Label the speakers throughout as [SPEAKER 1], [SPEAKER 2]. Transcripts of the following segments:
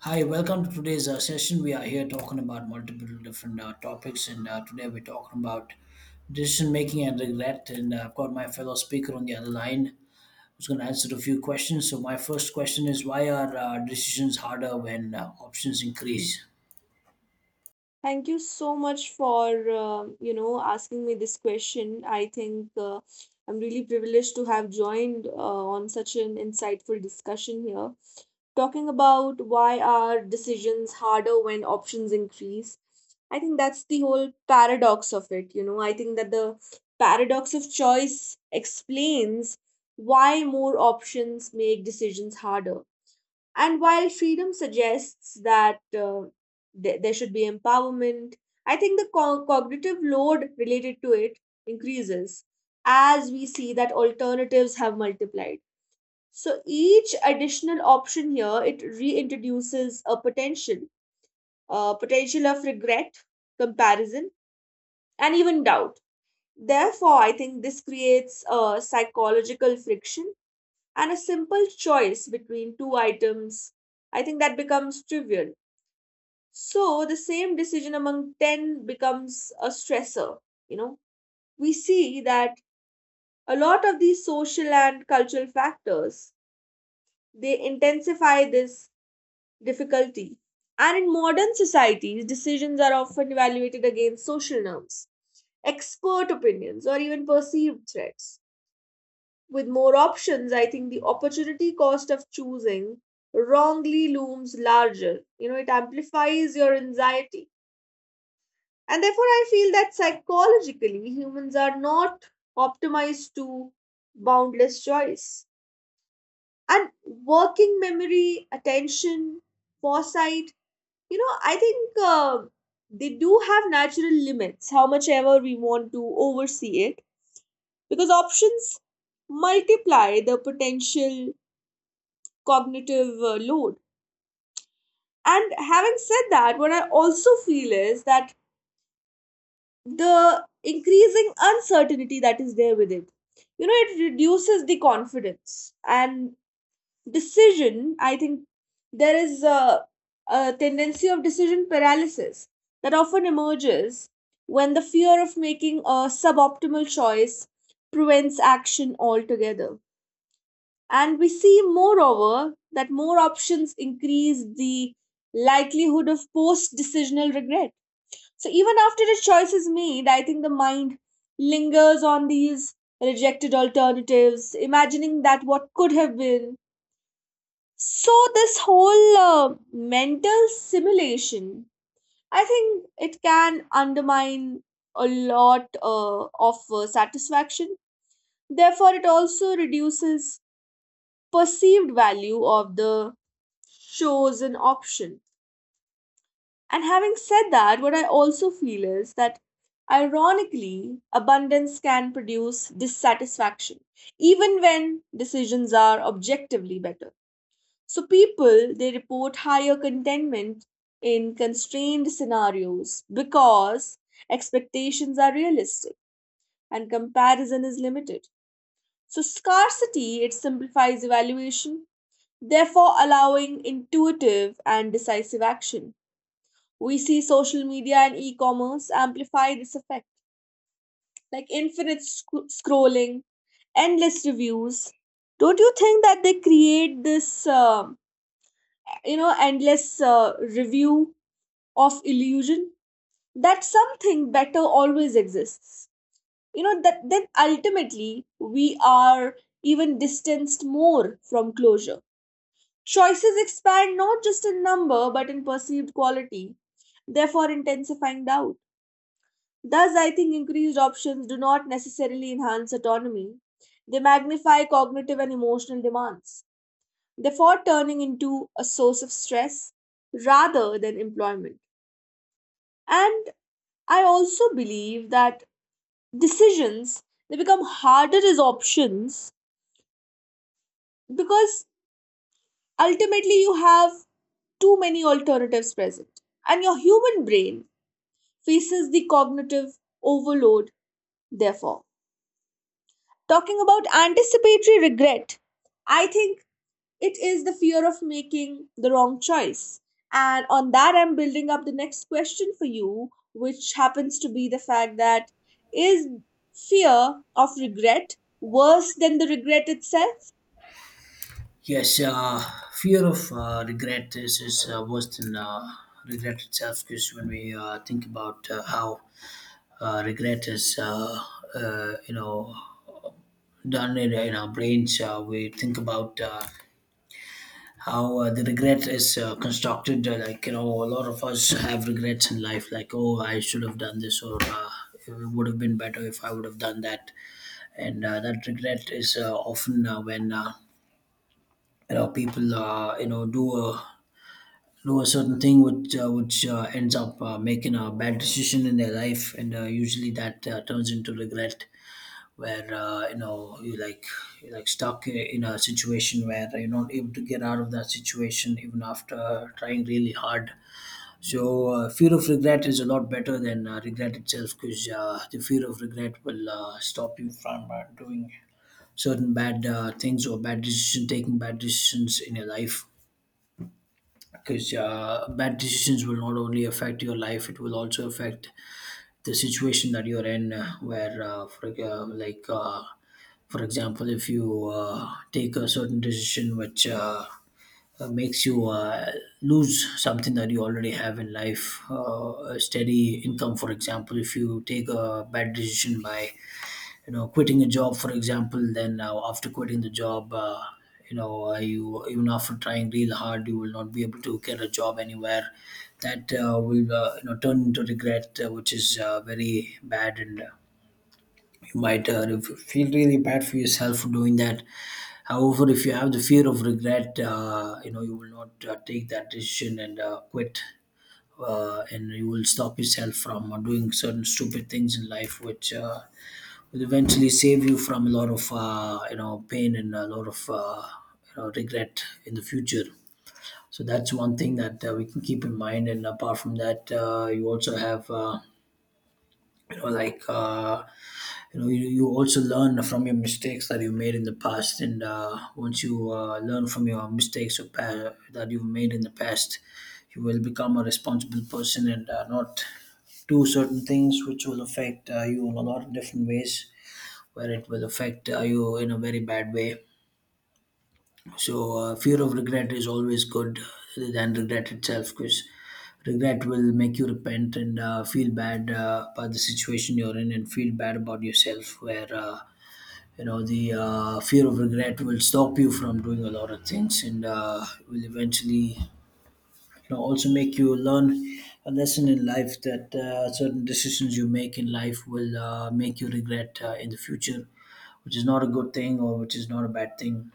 [SPEAKER 1] Hi, welcome to today's session. We are here talking about multiple different topics, and today we're talking about decision making and regret. And I've got my fellow speaker on the other line who's going to answer a few questions. So, my first question is why are decisions harder when options increase?
[SPEAKER 2] Thank you so much for asking me this question. I think I'm really privileged to have joined on such an insightful discussion here, talking about why are decisions harder when options increase. I think that's the whole paradox of it. You know, I think that the paradox of choice explains why more options make decisions harder, and while freedom suggests that there should be empowerment, I think the cognitive load related to it increases as we see that alternatives have multiplied. So each additional option here it reintroduces a potential of regret, comparison, and even doubt. Therefore, I think this creates a psychological friction and a simple choice between two items. I think that becomes trivial. So the same decision among 10 becomes a stressor. You know, we see that a lot of these social and cultural factors, they intensify this difficulty. And in modern societies, decisions are often evaluated against social norms, expert opinions, or even perceived threats. With more options, I think the opportunity cost of choosing wrongly looms larger. You know, it amplifies your anxiety. And therefore, I feel that psychologically, humans are not optimized to boundless choice. And working memory, attention, foresight, I think they do have natural limits, how much ever we want to oversee it, because options multiply the potential cognitive load. And having said that, what I also feel is that the increasing uncertainty that is there with it, you know, it reduces the confidence and decision. I think there is a tendency of decision paralysis that often emerges when the fear of making a suboptimal choice prevents action altogether. And we see, moreover, that more options increase the likelihood of post decisional regret. So even after a choice is made, I think the mind lingers on these rejected alternatives, imagining that what could have been. So this whole mental simulation, I think it can undermine a lot of satisfaction. Therefore, it also reduces perceived value of the chosen option. And having said that, what I also feel is that, ironically, abundance can produce dissatisfaction, even when decisions are objectively better. So, people, they report higher contentment in constrained scenarios because expectations are realistic and comparison is limited. So, scarcity, it simplifies evaluation, therefore allowing intuitive and decisive action. We see social media and e-commerce amplify this effect, like infinite scrolling, endless reviews. Don't you think that they create this you know endless review of illusion that something better always exists, you know, that then ultimately we are even distanced more from closure? Choices expand not just in number but in perceived quality, therefore intensifying doubt. Thus, I think increased options do not necessarily enhance autonomy, they magnify cognitive and emotional demands, therefore turning into a source of stress rather than employment. And I also believe that decisions, they become harder as options, because ultimately you have too many alternatives present, and your human brain faces the cognitive overload, therefore. Talking about anticipatory regret, I think it is the fear of making the wrong choice. And on that, I'm building up the next question for you, which happens to be the fact that is fear of regret worse than the regret itself?
[SPEAKER 1] Yes, fear of regret is worse than regret itself, because when we think about how regret is, uh, you know, done in our brains. We think about how the regret is constructed. Like, a lot of us have regrets in life. Like, oh, I should have done this, or it would have been better if I would have done that. And that regret is often when people do a certain thing which ends up making a bad decision in their life, and usually that turns into regret, where you like you're like stuck in a situation where you're not able to get out of that situation even after trying really hard. So fear of regret is a lot better than regret itself, because the fear of regret will stop you from doing certain bad things or bad decision taking bad decisions in your life, because bad decisions will not only affect your life, it will also affect the situation that you're in, where for, like for example, if you take a certain decision which makes you lose something that you already have in life, a steady income, for example. If you take a bad decision by quitting a job, for example, then after quitting the job, you, even after trying real hard, you will not be able to get a job anywhere. That will turn into regret, which is very bad, and you might feel really bad for yourself for doing that. However, if you have the fear of regret, you will not take that decision and quit, and you will stop yourself from doing certain stupid things in life, which will eventually save you from a lot of pain and a lot of regret in the future. So that's one thing that we can keep in mind. And apart from that, you also have you know like. Uh, you also learn from your mistakes that you made in the past. And once you learn from your mistakes that you've made in the past, you will become a responsible person and not do certain things which will affect you in a lot of different ways, where it will affect you in a very bad way. So fear of regret is always good than regret itself, because regret will make you repent and feel bad about the situation you're in and feel bad about yourself, where the fear of regret will stop you from doing a lot of things and will eventually also make you learn a lesson in life that certain decisions you make in life will make you regret in the future, which is not a good thing or which is not a bad thing.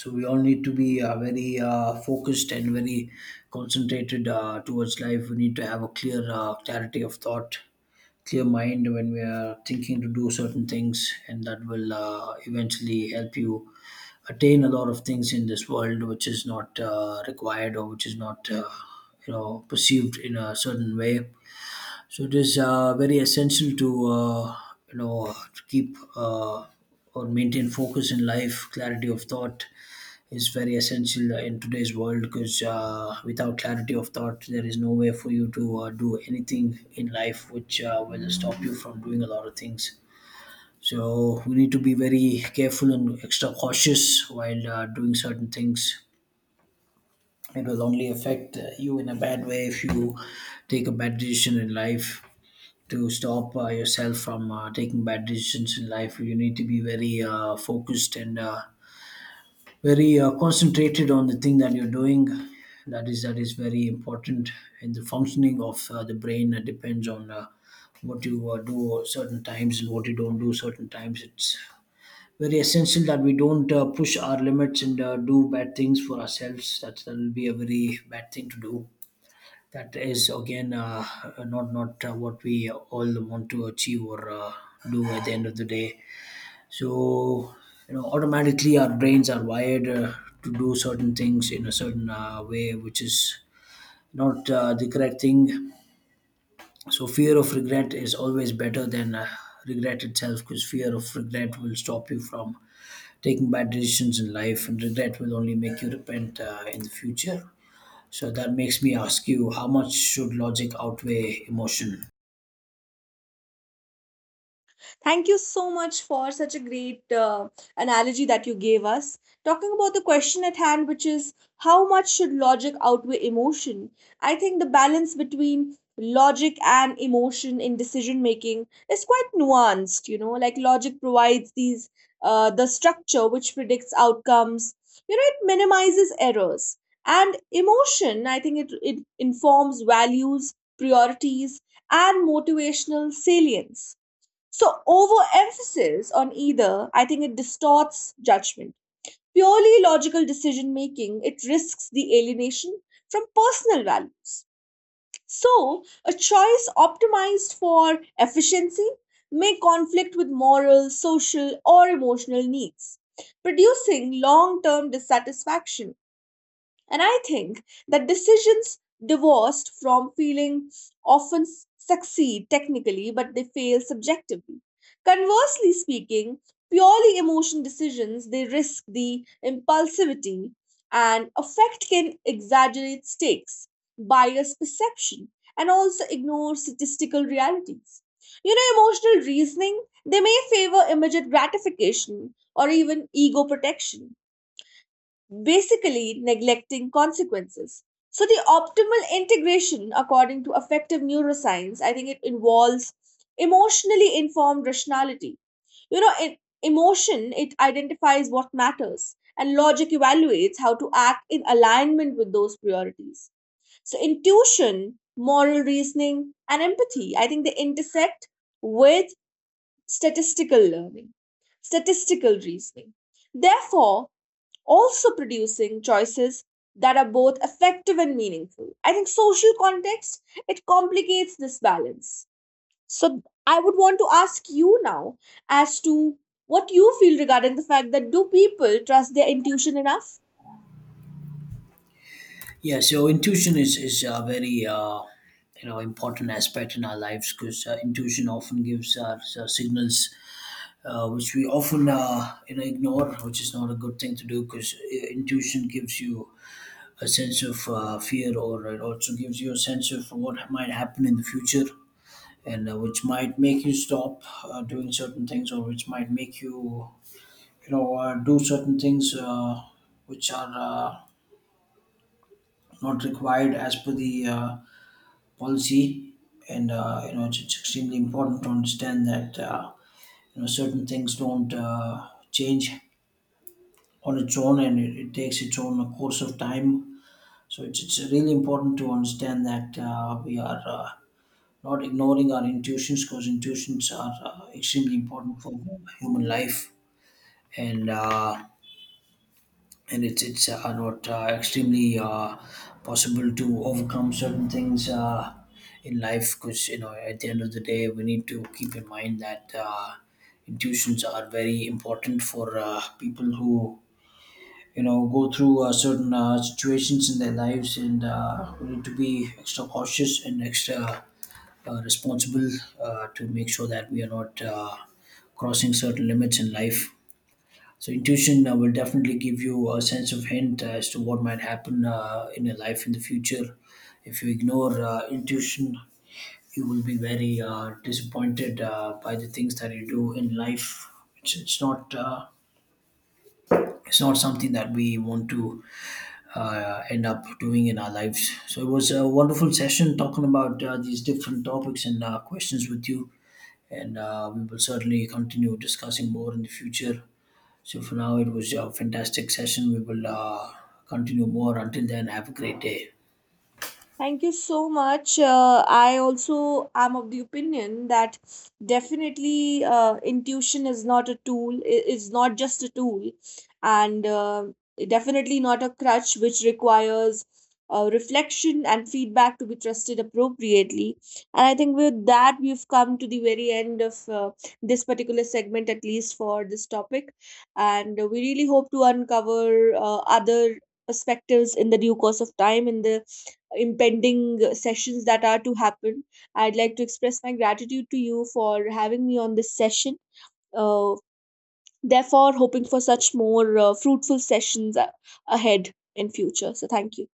[SPEAKER 1] So we all need to be very focused and very concentrated towards life. We need to have a clear clarity of thought, clear mind when we are thinking to do certain things, and that will eventually help you attain a lot of things in this world, which is not required or which is not perceived in a certain way. So it is very essential to to keep or maintain focus in life. Clarity of thought is very essential in today's world, because without clarity of thought there is no way for you to do anything in life, which will stop you from doing a lot of things. So we need to be very careful and extra cautious while doing certain things. It will only affect you in a bad way if you take a bad decision in life. To stop yourself from taking bad decisions in life, you need to be very focused and very concentrated on the thing that you're doing. That is very important, and the functioning of the brain depends on what you do certain times and what you don't do certain times. It's very essential that we don't push our limits and do bad things for ourselves. That will be a very bad thing to do. That is again not what we all want to achieve or do at the end of the day. So automatically our brains are wired to do certain things in a certain way, which is not the correct thing. So fear of regret is always better than regret itself, because fear of regret will stop you from taking bad decisions in life, and regret will only make you repent in the future. So that makes me ask you, how much should logic outweigh emotion?
[SPEAKER 2] Thank you so much for such a great analogy that you gave us. Talking about the question at hand, which is how much should logic outweigh emotion? I think the balance between logic and emotion in decision making is quite nuanced. You know, like, logic provides these the structure which predicts outcomes. You know, it minimizes errors. And emotion, I think it informs values, priorities, and motivational salience. So, overemphasis on either, I think it distorts judgment. Purely logical decision making, it risks the alienation from personal values. So, a choice optimized for efficiency may conflict with moral, social, or emotional needs, producing long term dissatisfaction. And I think that decisions divorced from feeling often succeed technically, but they fail subjectively. Conversely speaking, purely emotion decisions, they risk the impulsivity, and affect can exaggerate stakes, bias perception, and also ignore statistical realities. You know, emotional reasoning, they may favor immediate gratification or even ego protection, basically neglecting consequences. So, the optimal integration, according to affective neuroscience, I think it involves emotionally informed rationality. You know, in emotion, it identifies what matters, and logic evaluates how to act in alignment with those priorities. So, intuition, moral reasoning, and empathy, I think they intersect with statistical learning, statistical reasoning. Therefore, also producing choices that are both effective and meaningful. I think social context, it complicates this balance. So I would want to ask you now as to what you feel regarding the fact that do people trust their intuition enough?
[SPEAKER 1] Yeah, so intuition is a very important aspect in our lives, because intuition often gives us signals which we often ignore, which is not a good thing to do, because intuition gives you a sense of fear, or it also gives you a sense of what might happen in the future, and which might make you stop doing certain things, or which might make you you know do certain things which are not required as per the policy. And it's extremely important to understand that certain things don't change on its own, and it takes its own course of time. So it's really important to understand that we are not ignoring our intuitions, because intuitions are extremely important for human life. And uh, and it's not extremely possible to overcome certain things in life, because at the end of the day we need to keep in mind that intuitions are very important for people who go through certain situations in their lives. And we need to be extra cautious and extra responsible to make sure that we are not crossing certain limits in life. So intuition will definitely give you a sense of hint as to what might happen in your life in the future. If you ignore intuition, you will be very disappointed by the things that you do in life. It's not It's not something that we want to end up doing in our lives. So it was a wonderful session talking about these different topics and questions with you, and we will certainly continue discussing more in the future. So for now, it was a fantastic session. We will continue more. Until then, have a great day.
[SPEAKER 2] Thank you so much. I also am of the opinion that definitely intuition is not a tool, is not just a tool, and definitely not a crutch, which requires reflection and feedback to be trusted appropriately. And I think with that, we've come to the very end of this particular segment, at least for this topic. And we really hope to uncover other perspectives in the due course of time in the impending sessions that are to happen. I'd like to express my gratitude to you for having me on this session. Uh, therefore, hoping for such more fruitful sessions ahead in future. So, thank you.